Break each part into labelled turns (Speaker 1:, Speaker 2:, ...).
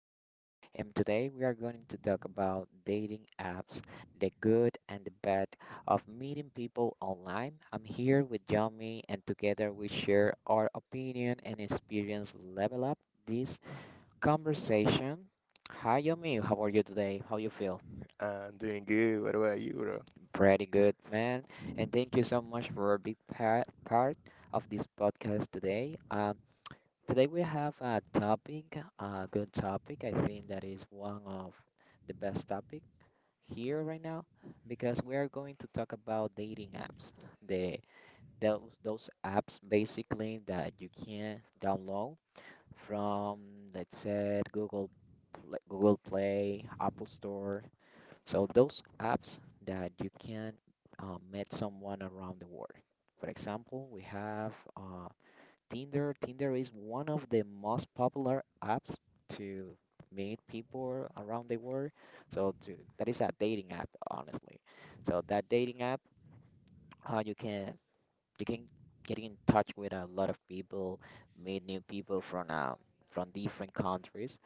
Speaker 1: Miguel, and today we are going to talk about dating apps, the good and the bad of meeting people online. I'm here with Yomi, and together we share our opinion and experience. Level up this conversation. Hi Yomi, how are you today? How you feel?
Speaker 2: I'm doing good. What about you, bro?
Speaker 1: Pretty good, man. And thank you so much for being part of this podcast today. Today we have a topic, a good topic. I think that is one of the best topic here right now because we are going to talk about dating apps. The Those apps basically that you can download from, let's say, Google Google Play, Apple Store. So those apps that you can meet someone around the world. For example, we have Tinder. Tinder is one of the most popular apps to meet people around the world. So to, that is a dating app, honestly. So that dating app, uh, you can you can get in touch with a lot of people, meet new people from different countries.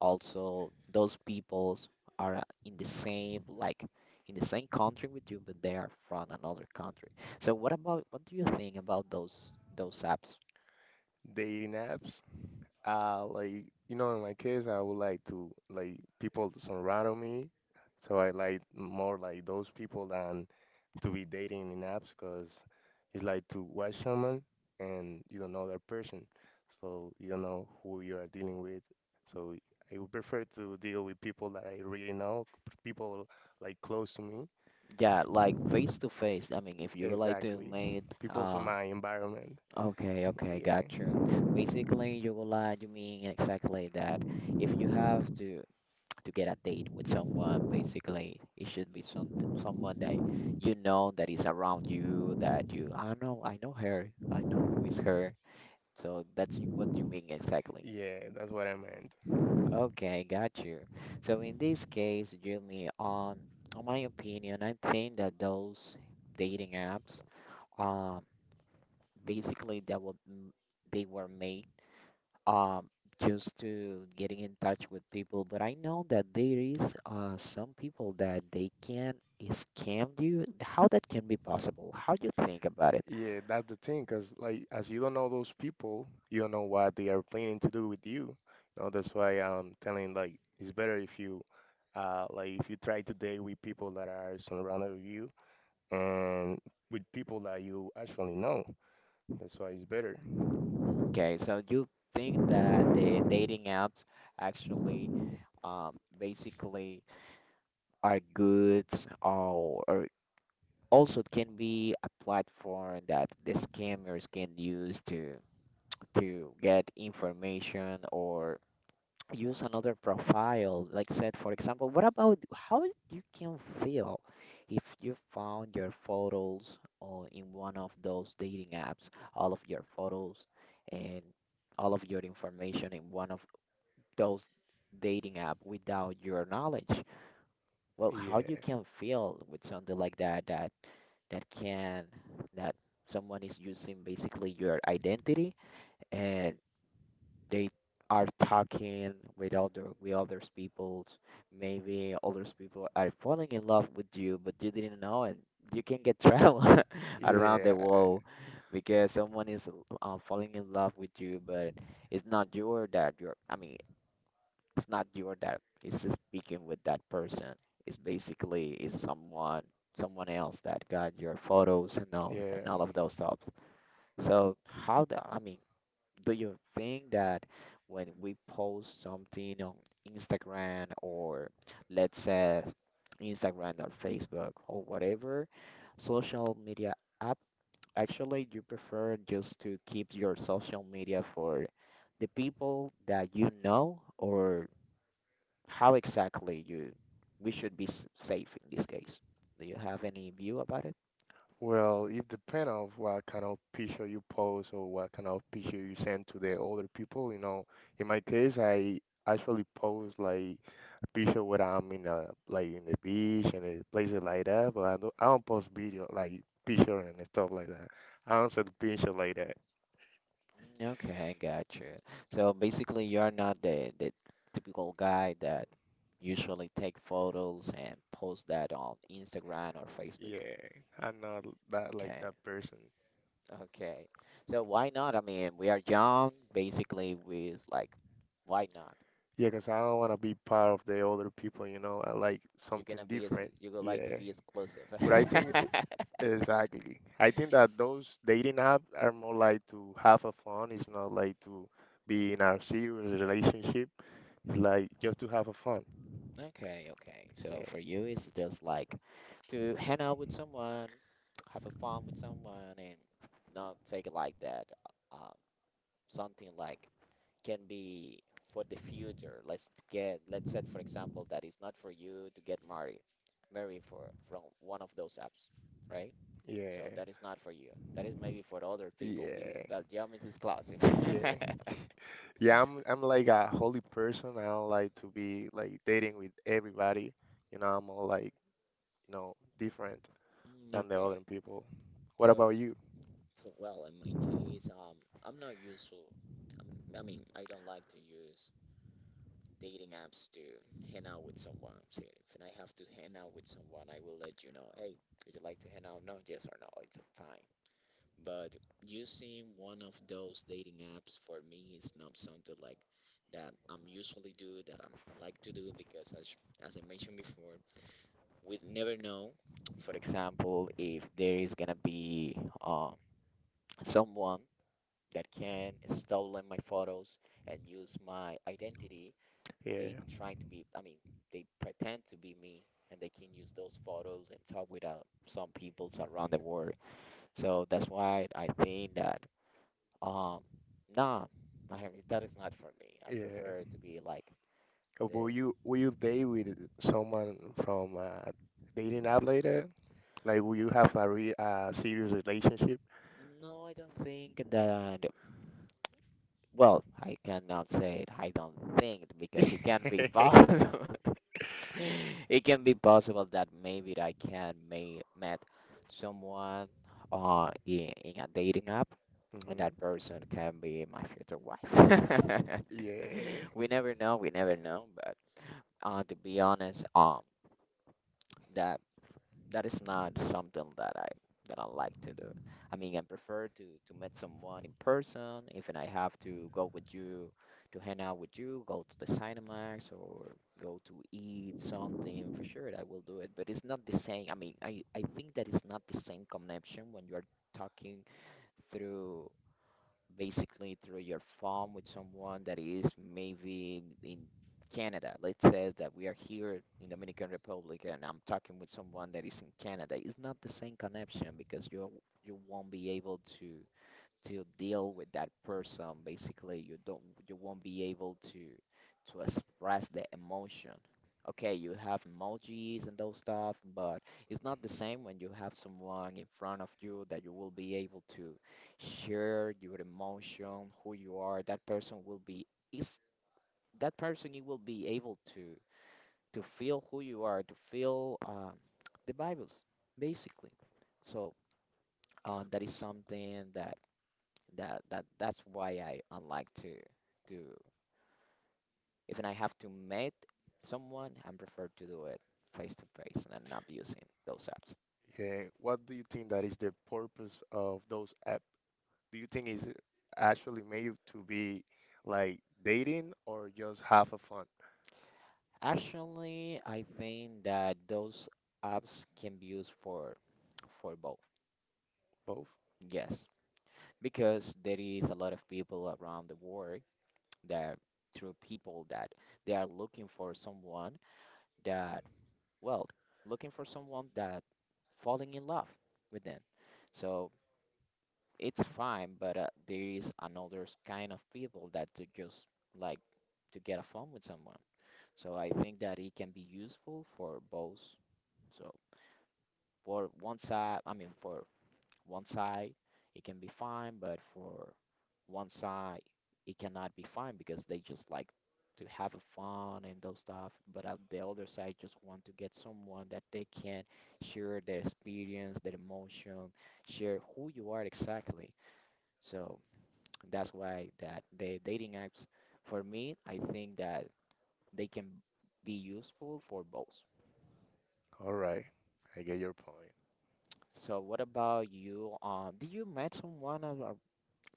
Speaker 1: Also, those peoples are in the same, like, in the same country with you, but they are from another country. So what about, what do you think about those apps?
Speaker 2: Dating apps? Like, you know, in my case, I would like to, like, people to surround me. So I like more like those people than to be dating in apps because it's like to watch someone and you don't know that person. So you don't know who you are dealing with. So I would prefer to deal with people that I really know, people like close to me.
Speaker 1: Yeah, like face to face. I mean, if you would like to
Speaker 2: Exactly.
Speaker 1: meet,
Speaker 2: People in
Speaker 1: uh,
Speaker 2: my environment.
Speaker 1: okay, okay,
Speaker 2: Yeah.
Speaker 1: got you. Basically, you would like, you mean exactly that. If you have to get a date with someone, basically, it should be someone that you know that is around you, that you, I know her, I know who is her. So that's what you mean exactly.
Speaker 2: Yeah, that's what I meant.
Speaker 1: Okay, got you. So in this case, Jimmy, on my opinion, I think that those dating apps, um, basically that they were made, um, just to getting in touch with people. But I know that there is some people that they can scam you. How that can be possible? How do you think about it?
Speaker 2: Yeah, that's the thing, because like as you don't know those people, you don't know what they are planning to do with you. You know, that's why I'm telling like it's better if you like if you try to date with people that are surrounded with you and with people that you actually know. That's why it's better.
Speaker 1: Okay, so you think that the dating apps actually, basically, are good or also it can be a platform that the scammers can use to get information or use another profile, like I said. For example, what about, how you can feel if you found your photos on, in one of those dating apps, all of your photos and all of your information in one of those dating app without your knowledge? Well, how you
Speaker 2: Yeah,
Speaker 1: can feel with something like that, that that can that someone is using basically your identity, and they are talking with other, with others people's? Maybe others people are falling in love with you, but you didn't know, and you can get travel around the
Speaker 2: yeah,
Speaker 1: world because someone is, falling in love with you, but it's not your that you're, I mean, it's not you or that is speaking with that person. It's basically is someone, someone else that got your photos and all, and
Speaker 2: yeah.
Speaker 1: all of those stuff. So how the, I mean, do you think that when we post something on Instagram or, let's say, Instagram or Facebook or whatever social media app, actually you prefer just to keep your social media for the people that you know? Or how exactly you, we should be safe in this case? Do you have any view about it?
Speaker 2: Well, it depends on what kind of picture you post or what kind of picture you send to the other people. You know, in my case, I actually post like. Picture sure whether I'm in a like in the beach and the places like that, but I don't post video like picture and stuff like that. I don't send picture like that.
Speaker 1: Mm, okay, gotcha. So basically, you're not the typical guy that usually take photos and post that on Instagram or Facebook.
Speaker 2: Yeah, I'm not that like
Speaker 1: Okay,
Speaker 2: that person.
Speaker 1: okay. So why not? I mean, we are young. Basically, we is like, why not?
Speaker 2: Yeah, 'cause I don't want to be part of the other people, you know. I like
Speaker 1: You're
Speaker 2: something
Speaker 1: gonna be as
Speaker 2: different.
Speaker 1: you would like to
Speaker 2: Yeah.
Speaker 1: be exclusive.
Speaker 2: But exactly. I think that those dating app are more like to have a fun. It's not like to be in a serious relationship. It's like just to have a fun.
Speaker 1: Okay, okay.
Speaker 2: Yeah.
Speaker 1: So for you, it's just like to hang out with someone, have a fun with someone, and not take it like that. Uh, Something like can be for the future. Let's get, let's say, for example, that it's not for you to get married, married for from one of those apps, right? So
Speaker 2: Yeah.
Speaker 1: that is not for you. That is maybe for other people,
Speaker 2: Yeah.
Speaker 1: but Yum is exclusive.
Speaker 2: Yeah. Yeah, I'm like a holy person. I don't like to be like dating with everybody. You know, I'm all like, you know, different
Speaker 1: Mm,
Speaker 2: than the other
Speaker 1: okay.
Speaker 2: people. What
Speaker 1: so
Speaker 2: about you?
Speaker 1: Well, in my case, I'm not useful. I'm, I mean, I don't like to use dating apps to hang out with someone. So if I have to hang out with someone, I will let you know, hey, would you like to hang out? No, yes or no, it's fine. But using one of those dating apps for me is not something like that I'm usually do, that I'm like to do because as I mentioned before, we never know, for example, if there is gonna be, someone that can stolen my photos and use my identity. They
Speaker 2: Yeah.
Speaker 1: trying to be, I mean, they pretend to be me, and they can use those photos and talk with, some peoples around the world. So that's why I think that, um nah, I mean, that is not for me. I
Speaker 2: Yeah.
Speaker 1: prefer to be like the
Speaker 2: Will you date with someone from dating app later? Like will you have a re serious relationship?
Speaker 1: no, I don't think that, well, I cannot say it. I don't think because it can't be
Speaker 2: Hmm.
Speaker 1: possible. It can be possible that maybe I can may met someone in a dating app, and that person can be my future wife.
Speaker 2: Yeah.
Speaker 1: We never know, but to be honest, that, that is not something that I, that I like to do. I mean, I prefer to meet someone in person. If and I have to go with you to hang out with you, go to the Cinemax or go to eat something, for sure I will do it. But it's not the same. I mean, I think that it's not the same connection when you are talking through, basically through your phone, with someone that is maybe in Canada. Let's say that we are here in Dominican Republic and I'm talking with someone that is in Canada. It's not the same connection because you won't be able to deal with that person. Basically you don't, you won't be able to express the emotion. Okay, you have emojis and those stuff, but it's not the same when you have someone in front of you that you will be able to share your emotion, who you are. That person will be, is, that person you will be able to feel who you are, to feel, the bibles basically. So, that is something that that's why I like to do. Even I have to meet someone, I prefer to do it face to face and not using those apps.
Speaker 2: Yeah. What do you think that is the purpose of those apps? Do you think is actually made to be like dating or just have a fun?
Speaker 1: Actually, I think that those apps can be used for both.
Speaker 2: Both.
Speaker 1: Yes, because there is a lot of people around the world that, through people that they are looking for someone that, well, looking for someone that falling in love with them. So it's fine, but, there is another kind of people that to just like to get a phone with someone. So I think that it can be useful for both. So for one side, I mean for one side, it can be fine, but for one side, it cannot be fine because they just like to have a fun and those stuff. But at the other side, just want to get someone that they can share their experience, their emotion, share who you are exactly. So, that's why that the dating apps, for me, I think that they can be useful for both.
Speaker 2: All right, I get your point.
Speaker 1: So what about you? Did you met someone of or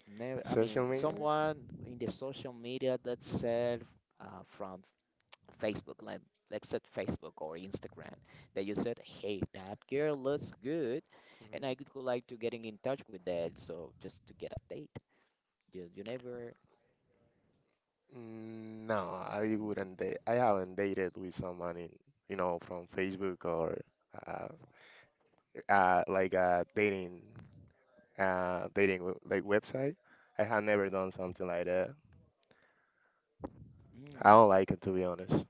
Speaker 1: never, I mean,
Speaker 2: Social media?
Speaker 1: someone in the social media that said, from Facebook, like, let's say, Facebook or Instagram, that you said, "Hey, that girl looks good, and I
Speaker 2: Hmm.
Speaker 1: could go like to getting in touch with that." So just to get a date, you never.
Speaker 2: No, I
Speaker 1: Mm,
Speaker 2: wouldn't date. I haven't dated with someone in, you know, from Facebook or uh, like a dating like website. I have never done something like that. I
Speaker 1: mm,
Speaker 2: don't like it to be honest.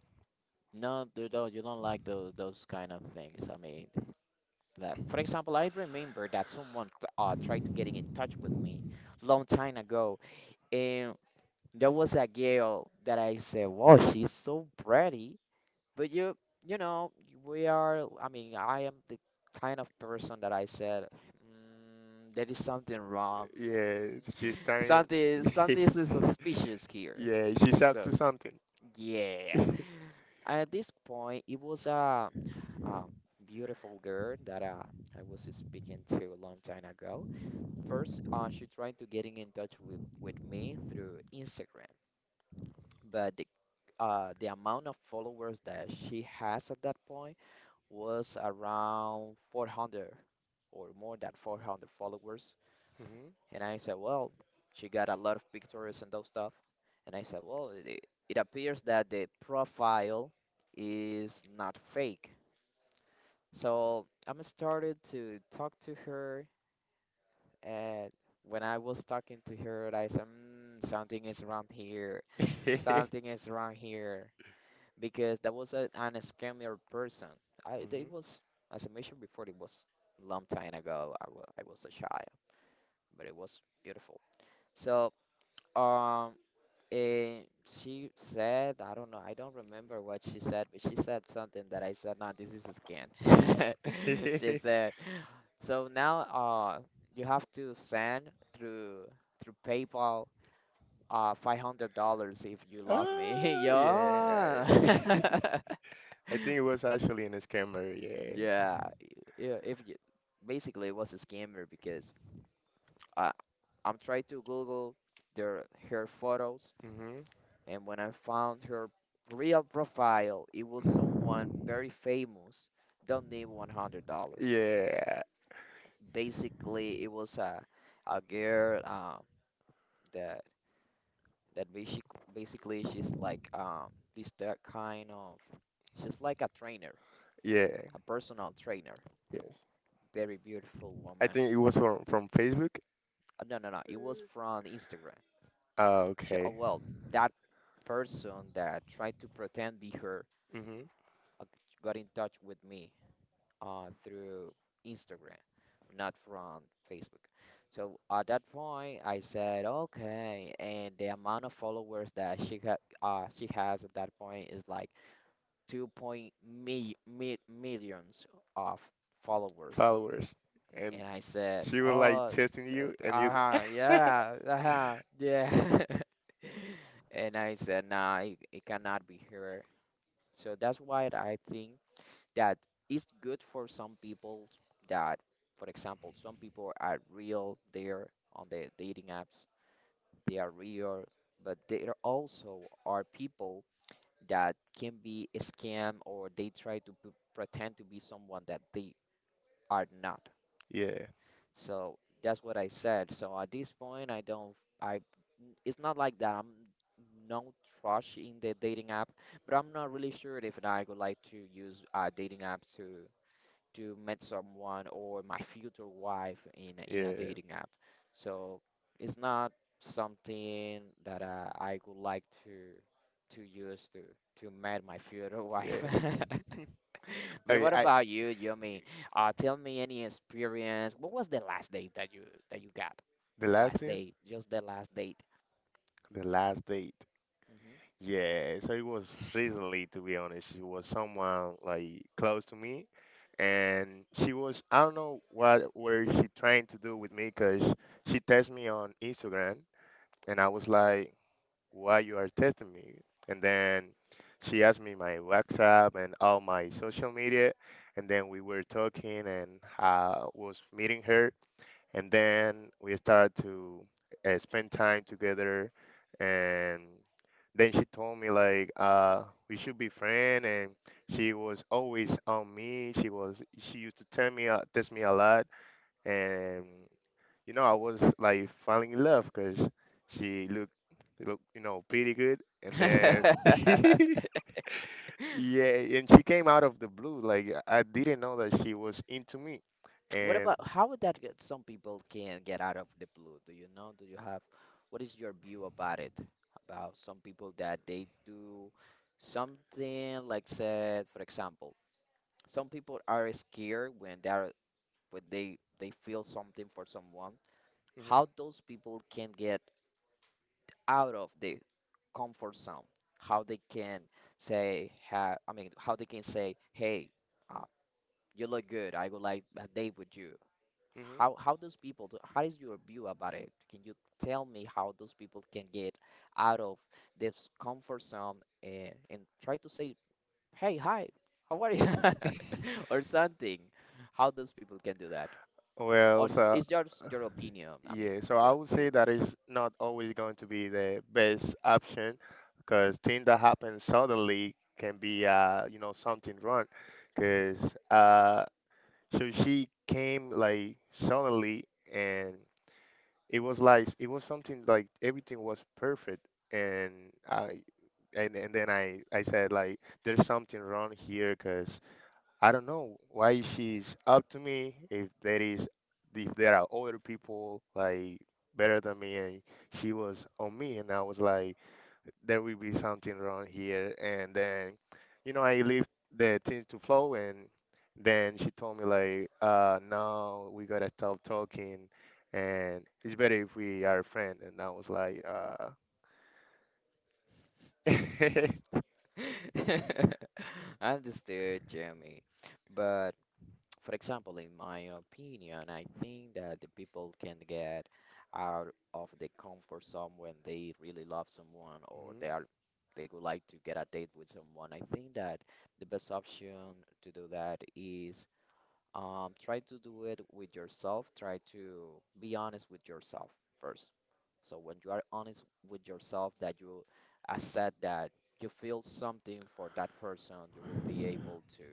Speaker 1: no, dude, no, you don't like those kind of things. I mean, that, for example, I remember that someone tried to getting in touch with me long time ago, and there was a girl that I said, "Wow, she's so pretty," but you know, we are. I mean, I am the kind of person that I said, mm, "There is something wrong.
Speaker 2: Yeah, she's
Speaker 1: Mm,
Speaker 2: turning.
Speaker 1: something, something is suspicious here."
Speaker 2: Yeah, she's up
Speaker 1: So,
Speaker 2: to something.
Speaker 1: yeah,
Speaker 2: Mhm.
Speaker 1: at this point, it was a, uh, beautiful girl that, I was speaking to a long time ago. First, she tried to getting in touch with me through Instagram, but the amount of followers that she has at that point was around 400 or more than 400 followers. And I said, well, she got a lot of pictures and those stuff. And I said, well, it appears that the profile is not fake. So I'm started to talk to her, and when I was talking to her, I said, something is wrong here, something is wrong here, because that was an scammer person. I they
Speaker 2: Mhm.
Speaker 1: was As I mentioned before, it was a long time ago. I was a child, but it was beautiful. So um. And she said, I don't know, I don't remember what she said, but she said something that I said, no, this is a scam. She said, so now you have to send through through PayPal $500 if you love me.
Speaker 2: Ah, yeah.
Speaker 1: Yeah.
Speaker 2: I think it was actually in his camera. Yeah.
Speaker 1: Yeah. Yeah, if you, basically it was a scammer because I I'm trying to Google their her photos,
Speaker 2: Hmm.
Speaker 1: and when I found her real profile, it was someone very famous. Don't need $100.
Speaker 2: Yeah.
Speaker 1: Basically, it was a girl that that basic basically she's like this that kind of she's like a trainer,
Speaker 2: Yeah.
Speaker 1: a personal trainer,
Speaker 2: Yes.
Speaker 1: very beautiful
Speaker 2: I
Speaker 1: woman.
Speaker 2: think it was from Facebook.
Speaker 1: No, no, no. It was from Instagram.
Speaker 2: Ah,
Speaker 1: She, oh,
Speaker 2: okay.
Speaker 1: well, that person that tried to pretend be her,
Speaker 2: Hmm.
Speaker 1: uh, got in touch with me through Instagram, not from Facebook. So at that point, I said, okay. And the amount of followers that she ha she has at that point is like two point mi- mi- millions of followers.
Speaker 2: Followers. And
Speaker 1: And I said,
Speaker 2: she was like
Speaker 1: oh,
Speaker 2: testing you, and you.
Speaker 1: uh huh, yeah, uh huh, yeah. And I said, nah, it cannot be here. So that's why I think that it's good for some people that, for example, some people are real there on the dating apps. They are real, but there also are people that can be a scam or they try to pretend to be someone that they are not.
Speaker 2: Yeah.
Speaker 1: So that's what I said. So at this point, I don't, I, it's not like that. I'm no trash in the dating app, but I'm not really sure if I would like to use dating app to meet someone or my future wife in in a
Speaker 2: Yeah.
Speaker 1: dating app. So it's not something that I would like to use to meet my future wife.
Speaker 2: Yeah.
Speaker 1: But
Speaker 2: Okay.
Speaker 1: what
Speaker 2: I
Speaker 1: about you, Yumi? Tell me any experience. What was the last date that you got?
Speaker 2: The
Speaker 1: The
Speaker 2: last
Speaker 1: last
Speaker 2: thing.
Speaker 1: date, just the last date.
Speaker 2: The last date. Yeah, so it was recently, to be honest. She was someone like close to me, and she was I don't know what were she trying to do with me, cause she texted me on Instagram, and I was like, "Why you are texting me?" And then she asked me my WhatsApp and all my social media, and then we were talking, and I was meeting her, and then we started to spend time together, and. Then she told me like we should be friends and she was always on me. She used to tell me test me a lot and you know I was like falling in love because she looked looked you know pretty good and
Speaker 1: Hmm.
Speaker 2: then yeah and she came out of the blue like I didn't know that she was into me
Speaker 1: What
Speaker 2: and
Speaker 1: about how would that get some people can get out of the blue? Do you know? Do you have What is your view about it? About some people that they do something like said, for example, some people are scared when they are when they feel something for someone.
Speaker 2: hmm
Speaker 1: How those people can get out of the comfort zone? How they can say, ha, I mean, how they can say, hey, uh, you look good. I would like a date with you.
Speaker 2: hmm
Speaker 1: How those people do, how is your view about it? Can you tell me how those people can get out of this comfort zone, and try to say, "Hey, hi, how are you?" or something. How those people can do that?
Speaker 2: well
Speaker 1: On you,
Speaker 2: so
Speaker 1: it's just your opinion. I mean,
Speaker 2: yeah, so I
Speaker 1: your
Speaker 2: would say
Speaker 1: view.
Speaker 2: that is not always going to be the best option because things that happen suddenly can be, you know, something wrong. Because so she came like suddenly, and it was like it was something like everything was perfect, and I and then I said like there's something wrong here because I don't know why she's up to me if there is if there are older people like better than me and she was on me and I was like there will be something wrong here and then you know I leave the things to flow and then she told me like no we gotta stop talking and it's better if we are friends and I was like Mhm.
Speaker 1: Understood, Jeremy. But, for example, in my opinion, I think that the people can get out of the comfort zone when they really love someone or they are they would like to get a date with someone. I think that the best option to do that is, try to do it with yourself. Try to be honest with yourself first. So when you are honest with yourself, that you accept that you feel something for that person, you will be able to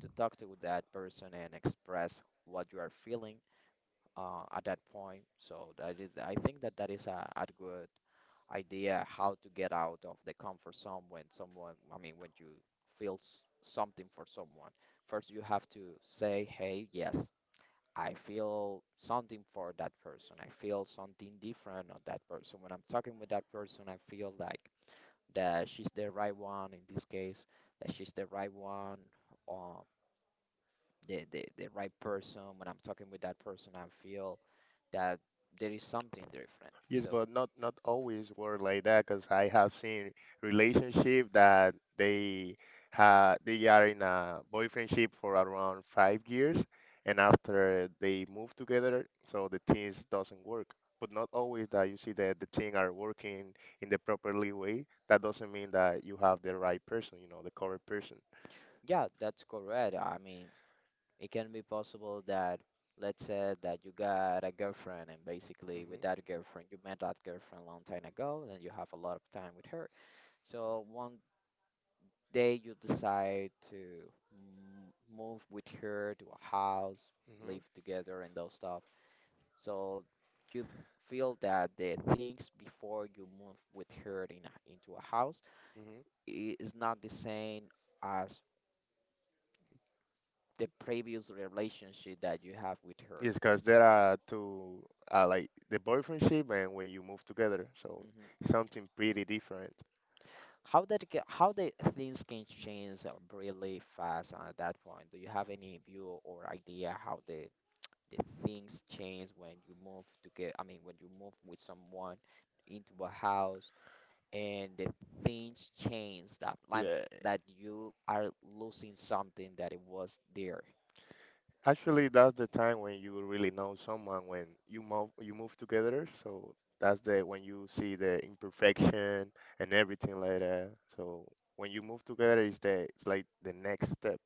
Speaker 1: talk to that person and express what you are feeling at that point. So that is, I think that that is a good idea how to get out of the comfort zone when someone, I mean, when you feel something for someone. First, you have to say, hey, yes. I feel something for that person. I feel something different of that person. When I'm talking with that person, I feel like that she's the right one in this case, that she's the right one, uh, the right person, when I'm talking with that person, I feel that there is something different.
Speaker 2: Yes,
Speaker 1: So,
Speaker 2: but not not always were like that because I have seen relationship that they ha they are in a boyfriendship for around 5 years, and after they move together, so the things doesn't work. But not always that you see that the things are working in the properly way. That doesn't mean that you have the right person, you know, the correct person.
Speaker 1: yeah, that's correct. I mean, it can be possible that, let's say that you got a girlfriend, and basically with
Speaker 2: Mm-hmm,
Speaker 1: that girlfriend, you met that girlfriend a long time ago, and you have a lot of time with her. So, one day you decide to move with her to a house,
Speaker 2: mm-hmm,
Speaker 1: live together, and those stuff. So you feel that the things before you move with her in into a house
Speaker 2: mm-hmm.
Speaker 1: is not the same as the previous relationship that you have with her.
Speaker 2: Yes, because there are two, like the boyfriendship and when you move together, so
Speaker 1: Mhm.
Speaker 2: something pretty different.
Speaker 1: How the things can change really fast at that point? Do you have any view or idea how the things change when you move to get, I mean, when you move with someone into a house and the things change that like
Speaker 2: Yeah,
Speaker 1: that you are losing something that it was there.
Speaker 2: actually, that's the time when you really know someone when you move together. So that's the when you see the imperfection and everything like that. So when you move together, is the it's like the next step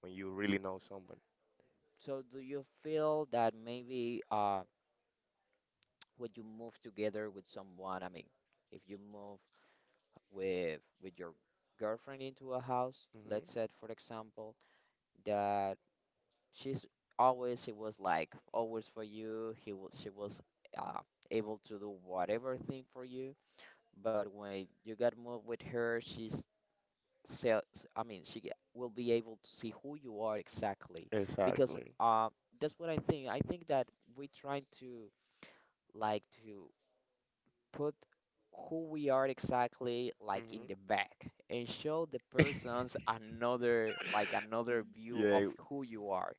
Speaker 2: when you really know someone.
Speaker 1: So do you feel that maybe when you move together with someone, I mean, if you move with your girlfriend into a house,
Speaker 2: Hmm.
Speaker 1: let's say for example, that she's always for you, he was she was uh able to do whatever thing for you, but when you got moved with her, she's so, I mean will be able to see who you are exactly because
Speaker 2: Exactly.
Speaker 1: that's what I think. I think that we're trying to like to put who we are exactly like in
Speaker 2: Hmm.
Speaker 1: the back and show the persons another, like another view of
Speaker 2: Yeah,
Speaker 1: who you are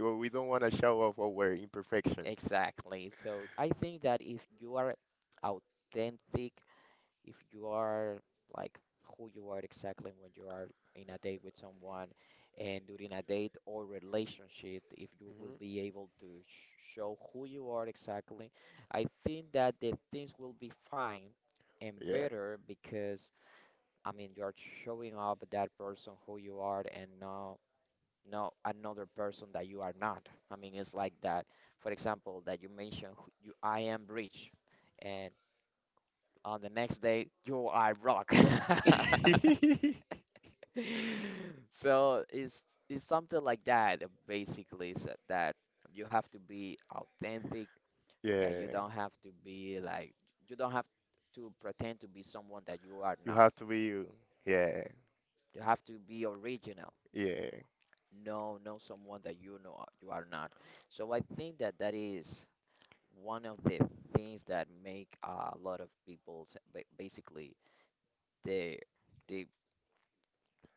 Speaker 2: well, we don't want to show off our imperfection.
Speaker 1: exactly. So I think that if you are authentic, if you are like who you are exactly when you are in a date with someone and during a date or relationship, if you will
Speaker 2: Hmm.
Speaker 1: be able to show who you are exactly, I think that the things will be fine and
Speaker 2: Yeah,
Speaker 1: better because I mean you are showing up that person who you are and not another person that you are not. I mean it's like that. For example, that you mentioned you I am rich and on the next day yo I rock. So it's something like that, basically is that you have to be authentic, that you
Speaker 2: yeah.
Speaker 1: don't have to be like, you don't have to pretend to be someone that you are
Speaker 2: You
Speaker 1: not.
Speaker 2: have to be you. Yeah,
Speaker 1: You have to be original,
Speaker 2: yeah.
Speaker 1: no, no someone that you know, you are not. So I think that that is one of the things that make a lot of people basically they they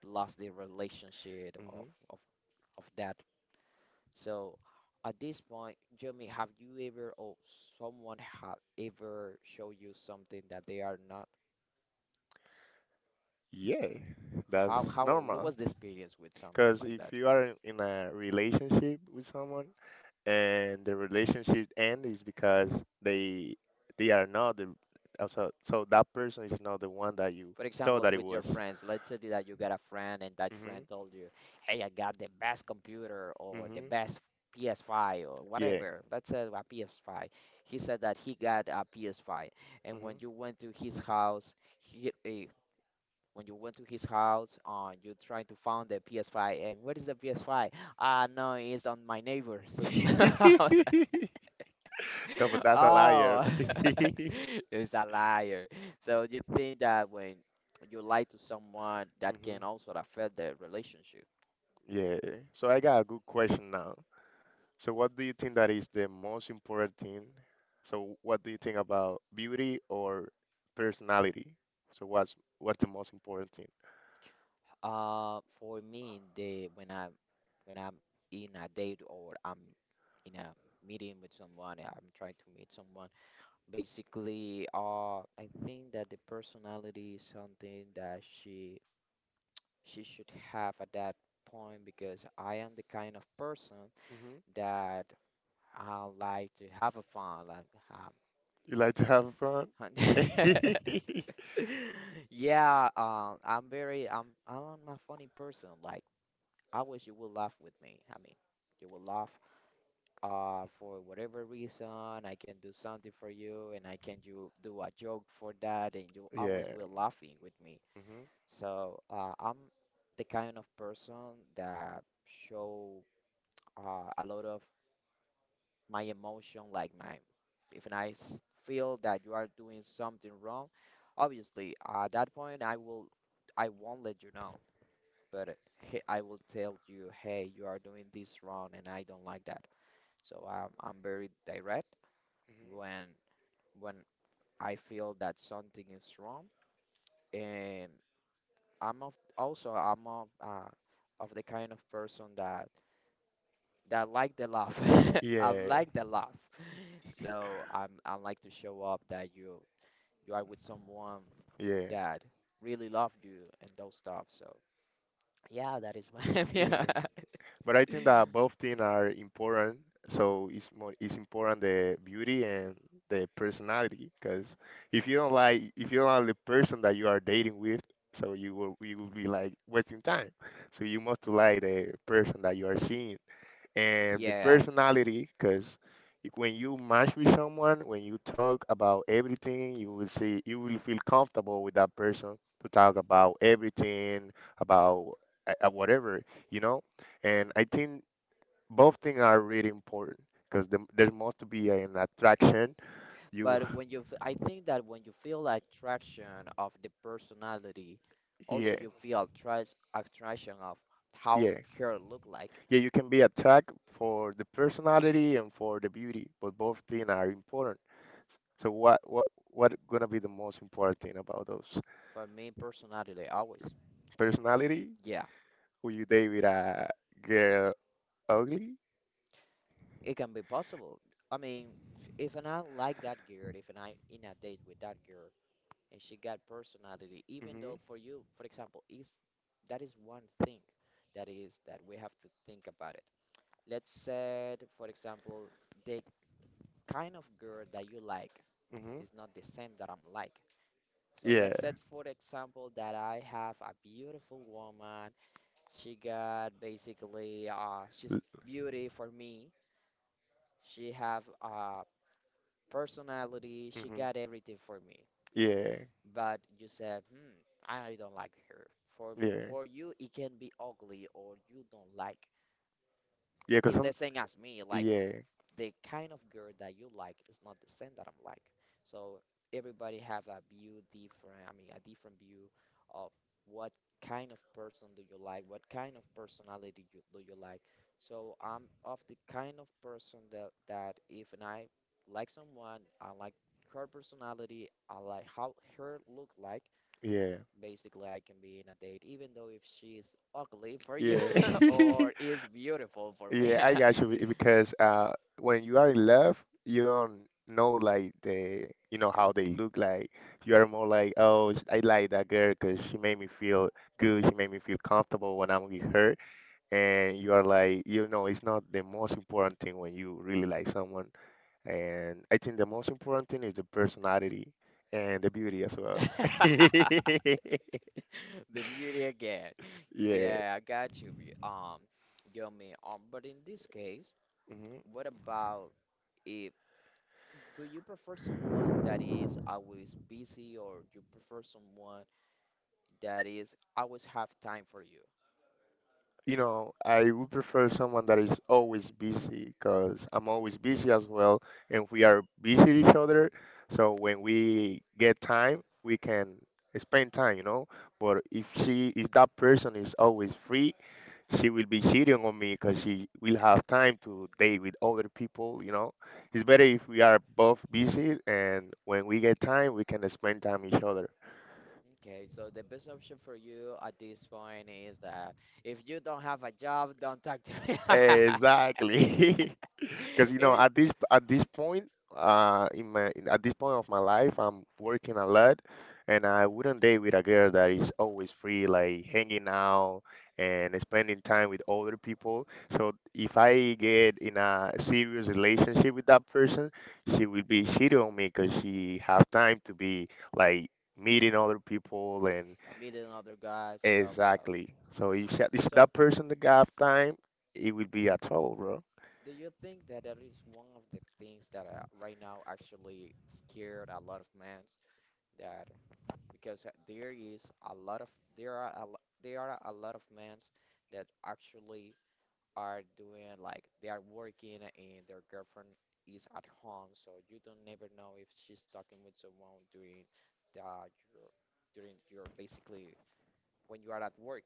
Speaker 1: lost the relationship
Speaker 2: Hmm.
Speaker 1: of that. So at this point, Jeremy, have you ever, or someone have ever show you something that they are not?
Speaker 2: Yeah, that's
Speaker 1: How, what
Speaker 2: normal.
Speaker 1: was the experience with something
Speaker 2: Because
Speaker 1: like
Speaker 2: if
Speaker 1: that?
Speaker 2: you are in a relationship with someone and the relationship ends is because they are not the also so so that person is not the one that you
Speaker 1: For
Speaker 2: thought
Speaker 1: example,
Speaker 2: that it
Speaker 1: with your
Speaker 2: was.
Speaker 1: friends, let's say that you got a friend and that friend
Speaker 2: Mhm.
Speaker 1: told you, hey, I got the best computer or the
Speaker 2: Mhm.
Speaker 1: best PS5 or
Speaker 2: Yeah.
Speaker 1: whatever. Let's say a PS5. He said that he got a PS5. And when
Speaker 2: Mhm.
Speaker 1: you went to his house, he, eh, when you went to his house, you trying to find the PS5, and where is the PS5? Ah, no, it's on my neighbor. So, I was like,
Speaker 2: No, but that's a liar.
Speaker 1: oh, it's a liar. So you think that when you lie to someone, that
Speaker 2: Mhm.
Speaker 1: can also affect the relationship.
Speaker 2: Yeah. So I got a good question now. So what do you think that is the most important thing? So what do you think about beauty or personality? So what's the most important thing?
Speaker 1: For me, the when I'm in a date or I'm in a meeting with someone, I'm trying to meet someone. Basically, I think that the personality is something that she should have at that point because I am the kind of person
Speaker 2: Hmm.
Speaker 1: that I like to have a fun. Like,
Speaker 2: You like to have fun?
Speaker 1: um, yeah, I'm very I'm a funny person. Like, I wish you would laugh with me. I mean, you will laugh for whatever reason, I can do something for you, and I can you do a joke for that, and you
Speaker 2: Yeah.
Speaker 1: always will laughing with me.
Speaker 2: Hmm.
Speaker 1: So I'm the kind of person that show a lot of my emotion, like my if I feel that you are doing something wrong, obviously at that point I won't let you know, but I will tell you, hey, you are doing this wrong, and I don't like that. So I'm very direct when when I feel that something is wrong. And also I'm of, of the kind of person that like the laugh. I'm
Speaker 2: Yeah.
Speaker 1: like the laugh. So I'm I like to show up that you are with someone
Speaker 2: Yeah.
Speaker 1: that really love you and those stuff. So that is why. Yeah.
Speaker 2: Yeah. But I think that both things are important. So it's important the beauty and the personality. Because if you don't like the person that you are dating with, so you will be like wasting time. So you must like the person that you are seeing and the
Speaker 1: Yeah,
Speaker 2: personality because when you match with someone when you talk about everything you will feel comfortable with that person to talk about everything about whatever you know and I think both things are really important because there must be an attraction you
Speaker 1: but when you, I think that when you feel attraction of the personality, also
Speaker 2: yeah
Speaker 1: you feel attraction of how
Speaker 2: yeah
Speaker 1: her look like.
Speaker 2: yeah you can be attracted for the personality and for the beauty but both things are important so what gonna be the most important thing about those?
Speaker 1: For me personally, always.
Speaker 2: Personality?
Speaker 1: Yeah,
Speaker 2: Will you date with a girl ugly?
Speaker 1: it can be possible. I mean, if and I like that girl, if and I in a date with that girl and she got personality, even though
Speaker 2: Mm-hmm.
Speaker 1: for you, for example, is that is one thing that we have to think about it. Let's say, for example, the kind of girl that you like
Speaker 2: Mm-hmm.
Speaker 1: is not the same that I'm like. So
Speaker 2: Yeah.
Speaker 1: let's say, for example, that I have a beautiful woman. She got basically, she's beauty for me. She have a personality. She
Speaker 2: Mm-hmm.
Speaker 1: got everything for me.
Speaker 2: Yeah.
Speaker 1: But you said, I don't like her. For
Speaker 2: Yeah.
Speaker 1: for you, it can be ugly or you don't like.
Speaker 2: Yeah. Cause
Speaker 1: It's the
Speaker 2: some.
Speaker 1: same as me. Like
Speaker 2: Yeah.
Speaker 1: the kind of girl that you like is not the same that I'm like. So everybody have a view different, I mean, a different view of what kind of person do you like, what kind of personality do you like. So I'm of the kind of person that if and I like someone, I like her personality, I like how her look like.
Speaker 2: Yeah.
Speaker 1: Basically, I can be in a date, even though if she's ugly for you
Speaker 2: Yeah.
Speaker 1: or is beautiful for me.
Speaker 2: yeah. I got you be- because when you are in love, you don't know like the you know how they look like. You are more like, oh, I like that girl because she made me feel good. She made me feel comfortable when I'm with her. And you are like, you know, it's not the most important thing when you really like someone. And I think the most important thing is the personality and the beauty as well.
Speaker 1: The beauty again.
Speaker 2: Yeah.
Speaker 1: Yeah, I got you. Yomi. But in this case,
Speaker 2: Mhm.
Speaker 1: what about if do you prefer someone that is always busy, or you prefer someone that is always have time for you?
Speaker 2: You know, I would prefer someone that is always busy because I'm always busy as well, and we are busy each other. So when we get time, we can spend time, you know. But if that person is always free she will be cheating on me because she will have time to date with other people, you know. It's better if we are both busy and when we get time, we can spend time each other.
Speaker 1: Okay, so the best option for you at this point is that if you don't have a job, don't talk to me.
Speaker 2: Exactly. Because you know,
Speaker 1: If-
Speaker 2: at this point, in my at this point of my life, I'm working a lot, and I wouldn't date with a girl that is always free, like hanging out and spending time with other people. So if I get in a serious relationship with that person, she will be shitty on me because she have time to be like meeting other people and
Speaker 1: Meet another guys and all stuff.
Speaker 2: exactly. So if
Speaker 1: So
Speaker 2: that person that have time, it will be a trouble, bro.
Speaker 1: do you think that that is one of the things that right now actually scared a lot of men that because there is a lot of there are a lot of men that actually are doing like they are working and their girlfriend is at home, so you don't never know if she's talking with someone during the your during your basically when you are at work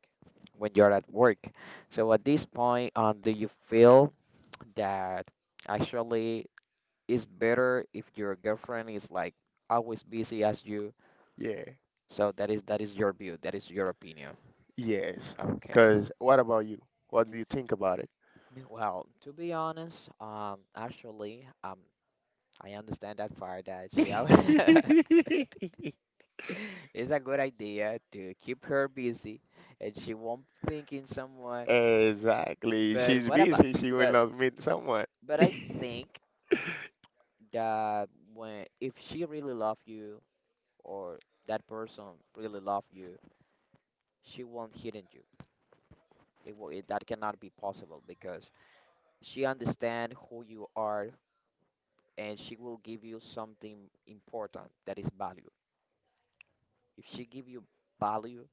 Speaker 1: when you are at work. So at this point, do you feel that actually is better if your girlfriend is like always busy as you.
Speaker 2: Yeah.
Speaker 1: So that is your view, that is your opinion.
Speaker 2: Yes.
Speaker 1: Okay.
Speaker 2: Because what about you? What do you think about it?
Speaker 1: Well, to be honest, actually, I understand that part that it's a good idea to keep her busy and she won't think in someone.
Speaker 2: Exactly.
Speaker 1: But
Speaker 2: She's
Speaker 1: what about
Speaker 2: busy. She will
Speaker 1: but
Speaker 2: not meet someone.
Speaker 1: but I think that when if she really love you or that person really love you she won't hit on you. That cannot be possible because she understands who you are and she will give you something important that is value. If she give you value,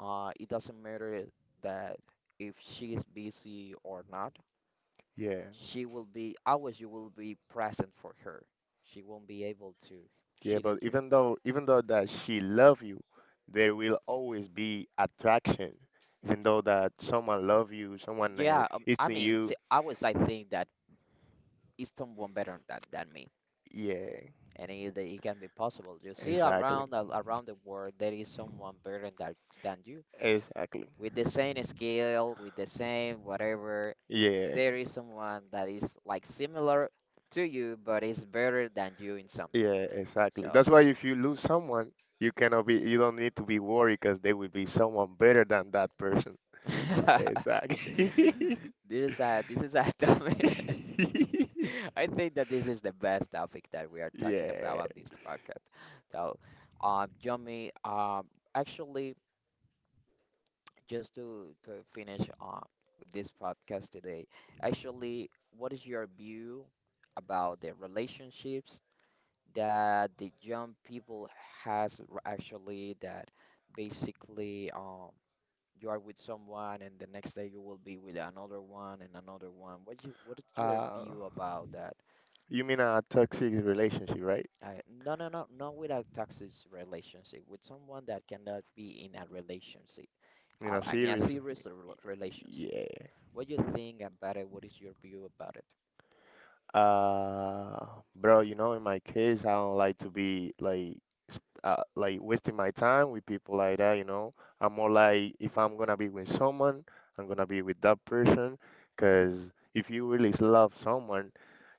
Speaker 1: it doesn't matter that if she is busy or not.
Speaker 2: Yeah.
Speaker 1: She will be always You will be present for her. She won't be able to
Speaker 2: Yeah,
Speaker 1: cheat
Speaker 2: but
Speaker 1: on you.
Speaker 2: even though that she love you, there will always be attraction. Even though that someone love you, someone
Speaker 1: Yeah,
Speaker 2: is
Speaker 1: I
Speaker 2: to
Speaker 1: mean, see,
Speaker 2: you.
Speaker 1: always I think that is someone better than me.
Speaker 2: Yeah.
Speaker 1: And it can be possible. You see
Speaker 2: Exactly.
Speaker 1: around the world there is someone better than you
Speaker 2: Exactly.
Speaker 1: with the same skill, with the same whatever.
Speaker 2: Yeah.
Speaker 1: There is someone that is like similar to you, but is better than you in something.
Speaker 2: Yeah, exactly.
Speaker 1: So
Speaker 2: That's why if you lose someone, you don't need to be worried because there will be someone better than that person.
Speaker 1: this
Speaker 2: Exactly.
Speaker 1: this is a topic. I think that this is the best topic that we are talking about
Speaker 2: Yeah.
Speaker 1: on this podcast. So, Jimmy, actually. Just to finish up with this podcast today, actually, what is your view about the relationships that the young people actually that basically you are with someone and the next day you will be with another one and another one. What you what is your
Speaker 2: Uh,
Speaker 1: view about that?
Speaker 2: you mean a toxic relationship, right?
Speaker 1: I, no, no, no, not with a toxic relationship, with someone that cannot be in a relationship,
Speaker 2: You know,
Speaker 1: in a
Speaker 2: seriously.
Speaker 1: relationship.
Speaker 2: Yeah.
Speaker 1: What you think about it? What is your view about it?
Speaker 2: Uh, bro, you know, in my case, I don't like to be like like wasting my time with people like that, you know. I'm more like if I'm gonna be with someone, I'm gonna be with that person, 'cause if you really love someone,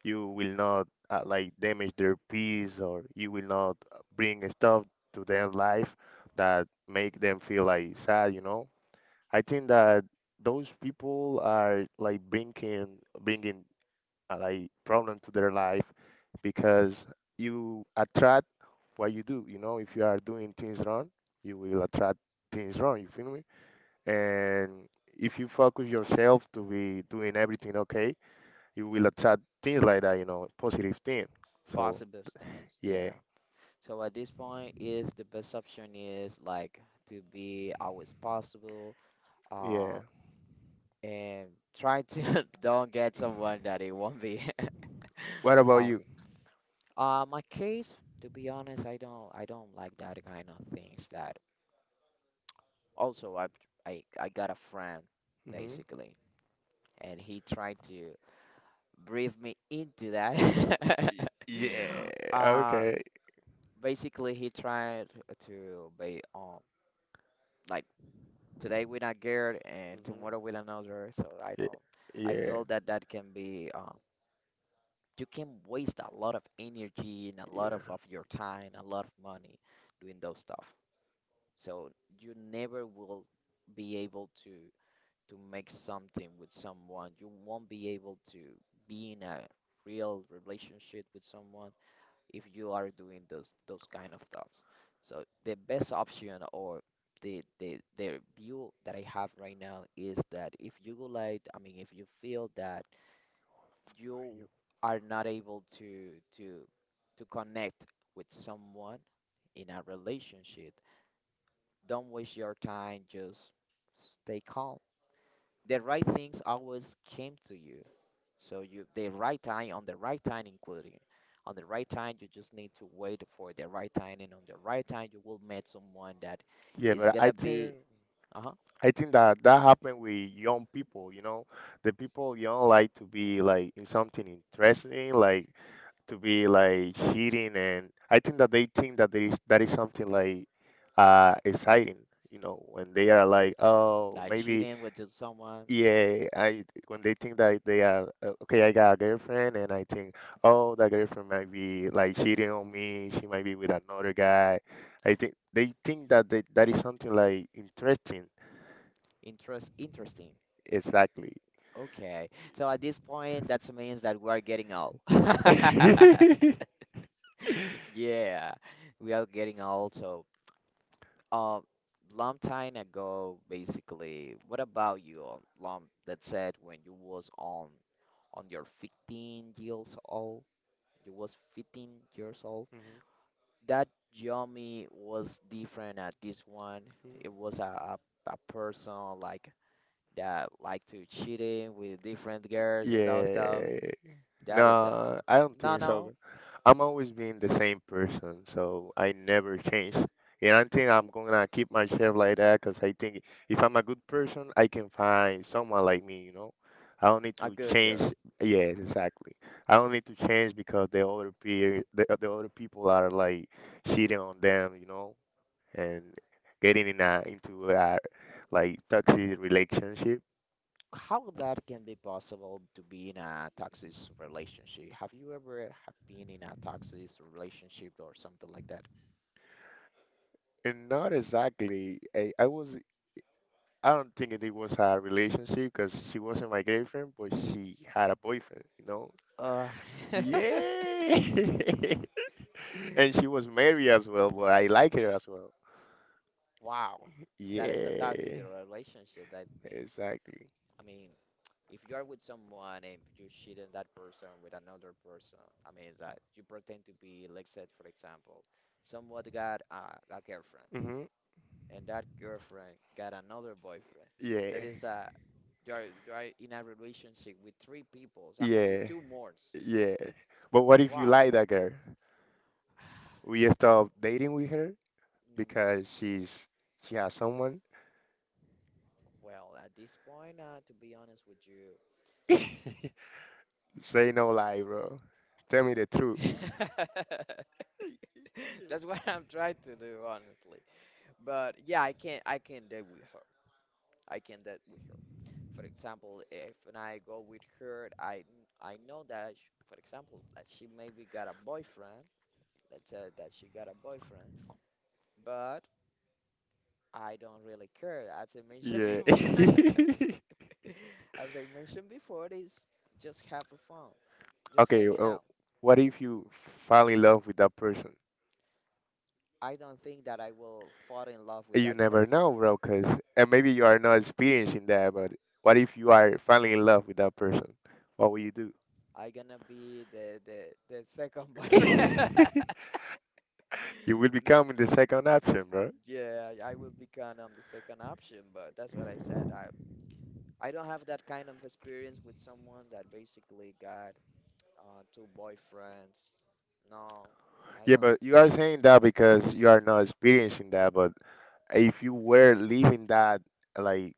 Speaker 2: you will not like damage their peace or you will not bring stuff to their life that make them feel like sad, you know. I think that those people are like bringing like problem to their life because you attract what you do. You know, if you are doing things wrong, you will attract things wrong. You feel me? And if you focus yourself to be doing everything okay, you will attract things like that. You know, positive thing. So
Speaker 1: Positive stance,
Speaker 2: yeah,
Speaker 1: yeah. So at this point, is the best option is like to be always possible, uh,
Speaker 2: yeah.
Speaker 1: and try to don't get someone that it won't be.
Speaker 2: What about
Speaker 1: Uh,
Speaker 2: you?
Speaker 1: my case, to be honest, I don't like that kind of things. That also, I got a friend
Speaker 2: Hmm.
Speaker 1: basically, and he tried to brief me into that.
Speaker 2: Y- Yeah.
Speaker 1: Uh,
Speaker 2: Okay.
Speaker 1: basically he tried to be like today with a girl and tomorrow
Speaker 2: Hmm.
Speaker 1: with another so I
Speaker 2: Yeah.
Speaker 1: don't I
Speaker 2: Yeah.
Speaker 1: feel that that can be you can waste a lot of energy and a lot
Speaker 2: Yeah.
Speaker 1: of your time a lot of money doing those stuff so you never will be able to make something with someone you won't be able to be in a real relationship with someone if you are doing those kind of stuffs. So the best option or the view that I have right now is that if you would like, I mean, if you feel that
Speaker 2: Yeah.
Speaker 1: you are not able to to to connect with someone in a relationship, don't waste your time, just stay calm. The right things always came to you. So you the right time on the right time including on the right time you just need to wait for the right time and on the right time you will meet someone that
Speaker 2: Yeah,
Speaker 1: is
Speaker 2: but I
Speaker 1: gonna be
Speaker 2: think.
Speaker 1: uh-huh
Speaker 2: I think that that happened with young people, you know, the people young like to be like in something interesting, like to be like cheating, and I think that they think that there is that is something like exciting, you know, when they are like, oh,
Speaker 1: that
Speaker 2: maybe
Speaker 1: cheating with the someone
Speaker 2: yeah, I when they think that they are okay, I got a girlfriend, and I think, oh, that girlfriend might be like cheating on me, she might be with another guy. I think they think that that is something like interesting.
Speaker 1: interest interesting.
Speaker 2: Exactly.
Speaker 1: Okay. So at this point that means that we are getting old.
Speaker 2: Interesting.
Speaker 1: Yeah. We are getting old so um long time ago basically what about you on long that said when you was on your 15 years old you was 15 years old that Yomi was different at this one it
Speaker 2: Mm-hmm.
Speaker 1: was a, a person like that like to cheating with different girls and those stuff
Speaker 2: Yeah.
Speaker 1: that is
Speaker 2: No, I don't
Speaker 1: no
Speaker 2: think so.
Speaker 1: no
Speaker 2: I'm always being the same person, so I never change. And I think I'm gonna keep myself like that because I think if I'm a good person, I can find someone like me, you know? I don't need
Speaker 1: a
Speaker 2: to
Speaker 1: good
Speaker 2: change.
Speaker 1: girl
Speaker 2: Yes, exactly. I don't need to change because the other people are like cheating on them, you know, and getting in into a like toxic relationship.
Speaker 1: how that can be possible to be in a toxic relationship have you ever have been in a toxic relationship or something like that
Speaker 2: And not exactly. I was. I don't think it was a relationship because she wasn't my girlfriend, but she had a boyfriend. You know.
Speaker 1: uh
Speaker 2: Yeah. And she was married as well, but I like her as well.
Speaker 1: wow that is a toxic
Speaker 2: Yeah.
Speaker 1: relationship I think.
Speaker 2: Exactly.
Speaker 1: I mean, if you are with someone and you cheat on that person with another person, I mean that you pretend to be, let's say, for example, someone got a girlfriend
Speaker 2: Hmm.
Speaker 1: and that girlfriend got another boyfriend. That
Speaker 2: Yeah.
Speaker 1: is that you are in a relationship with three people. I mean, with
Speaker 2: Yeah.
Speaker 1: two more.
Speaker 2: Yeah. But what if you
Speaker 1: Wow.
Speaker 2: like that girl? Will you stop dating with her
Speaker 1: Mm,
Speaker 2: because she has someone?
Speaker 1: well, at this point, to be honest with
Speaker 2: Say no lie, bro. Tell me the truth.
Speaker 1: you, that's what I'm trying to do, honestly. But yeah, I can date with her. I can date with her. For example, if when I go with her, I know that sh for example that she maybe got a boyfriend. Let's say that she got a boyfriend, but I don't really care. As I mentioned
Speaker 2: Yeah.
Speaker 1: before, as I mentioned before, it is just have a fun, just
Speaker 2: Okay,
Speaker 1: hanging out.
Speaker 2: what if you fall in love with that person?
Speaker 1: I don't think that I will fall in love with
Speaker 2: You
Speaker 1: that
Speaker 2: never
Speaker 1: person.
Speaker 2: know, bro. Because and maybe you are not experiencing that, but what if you are falling in love with that person? What will you do?
Speaker 1: I gonna be the second boyfriend.
Speaker 2: You will become the second option, bro.
Speaker 1: Yeah, I will be kind of the second option, but that's what I said. I don't have that kind of experience with someone that basically got two boyfriends. No, I
Speaker 2: Yeah,
Speaker 1: don't.
Speaker 2: but you are saying that because you are not experiencing that, but if you were living that, like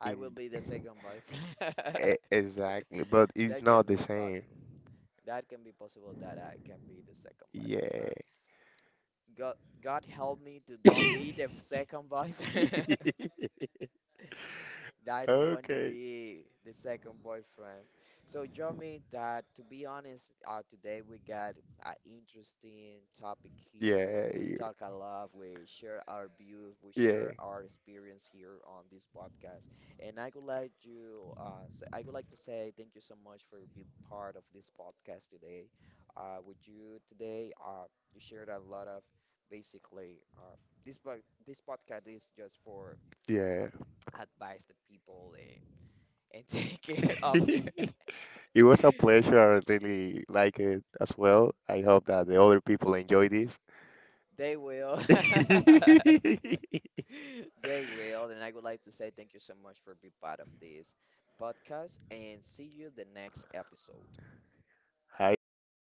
Speaker 1: I will
Speaker 2: in
Speaker 1: be the second boyfriend.
Speaker 2: e- exactly, but it's
Speaker 1: That
Speaker 2: not
Speaker 1: can
Speaker 2: the
Speaker 1: be
Speaker 2: same.
Speaker 1: possible. That can be possible that I can be the second boyfriend, but
Speaker 2: Yeah.
Speaker 1: God, God help me to don't be the second boyfriend. I don't want to
Speaker 2: Okay.
Speaker 1: be the second boyfriend. So, Jomi, that to be honest, today we got an interesting topic here.
Speaker 2: Yeah,
Speaker 1: We talk a lot, we share our views, we
Speaker 2: yeah,
Speaker 1: share our experience here on this podcast. And I would like you, I would like to say thank you so much for being part of this podcast today. With you today, you shared a lot of basically this podcast is just for
Speaker 2: yeah.
Speaker 1: advise the people and take care of their
Speaker 2: It was a pleasure. I really like it as well. I hope that the other people enjoy this.
Speaker 1: they will they will and I would like to say thank you so much for being part of this podcast and see you the next episode
Speaker 2: High up.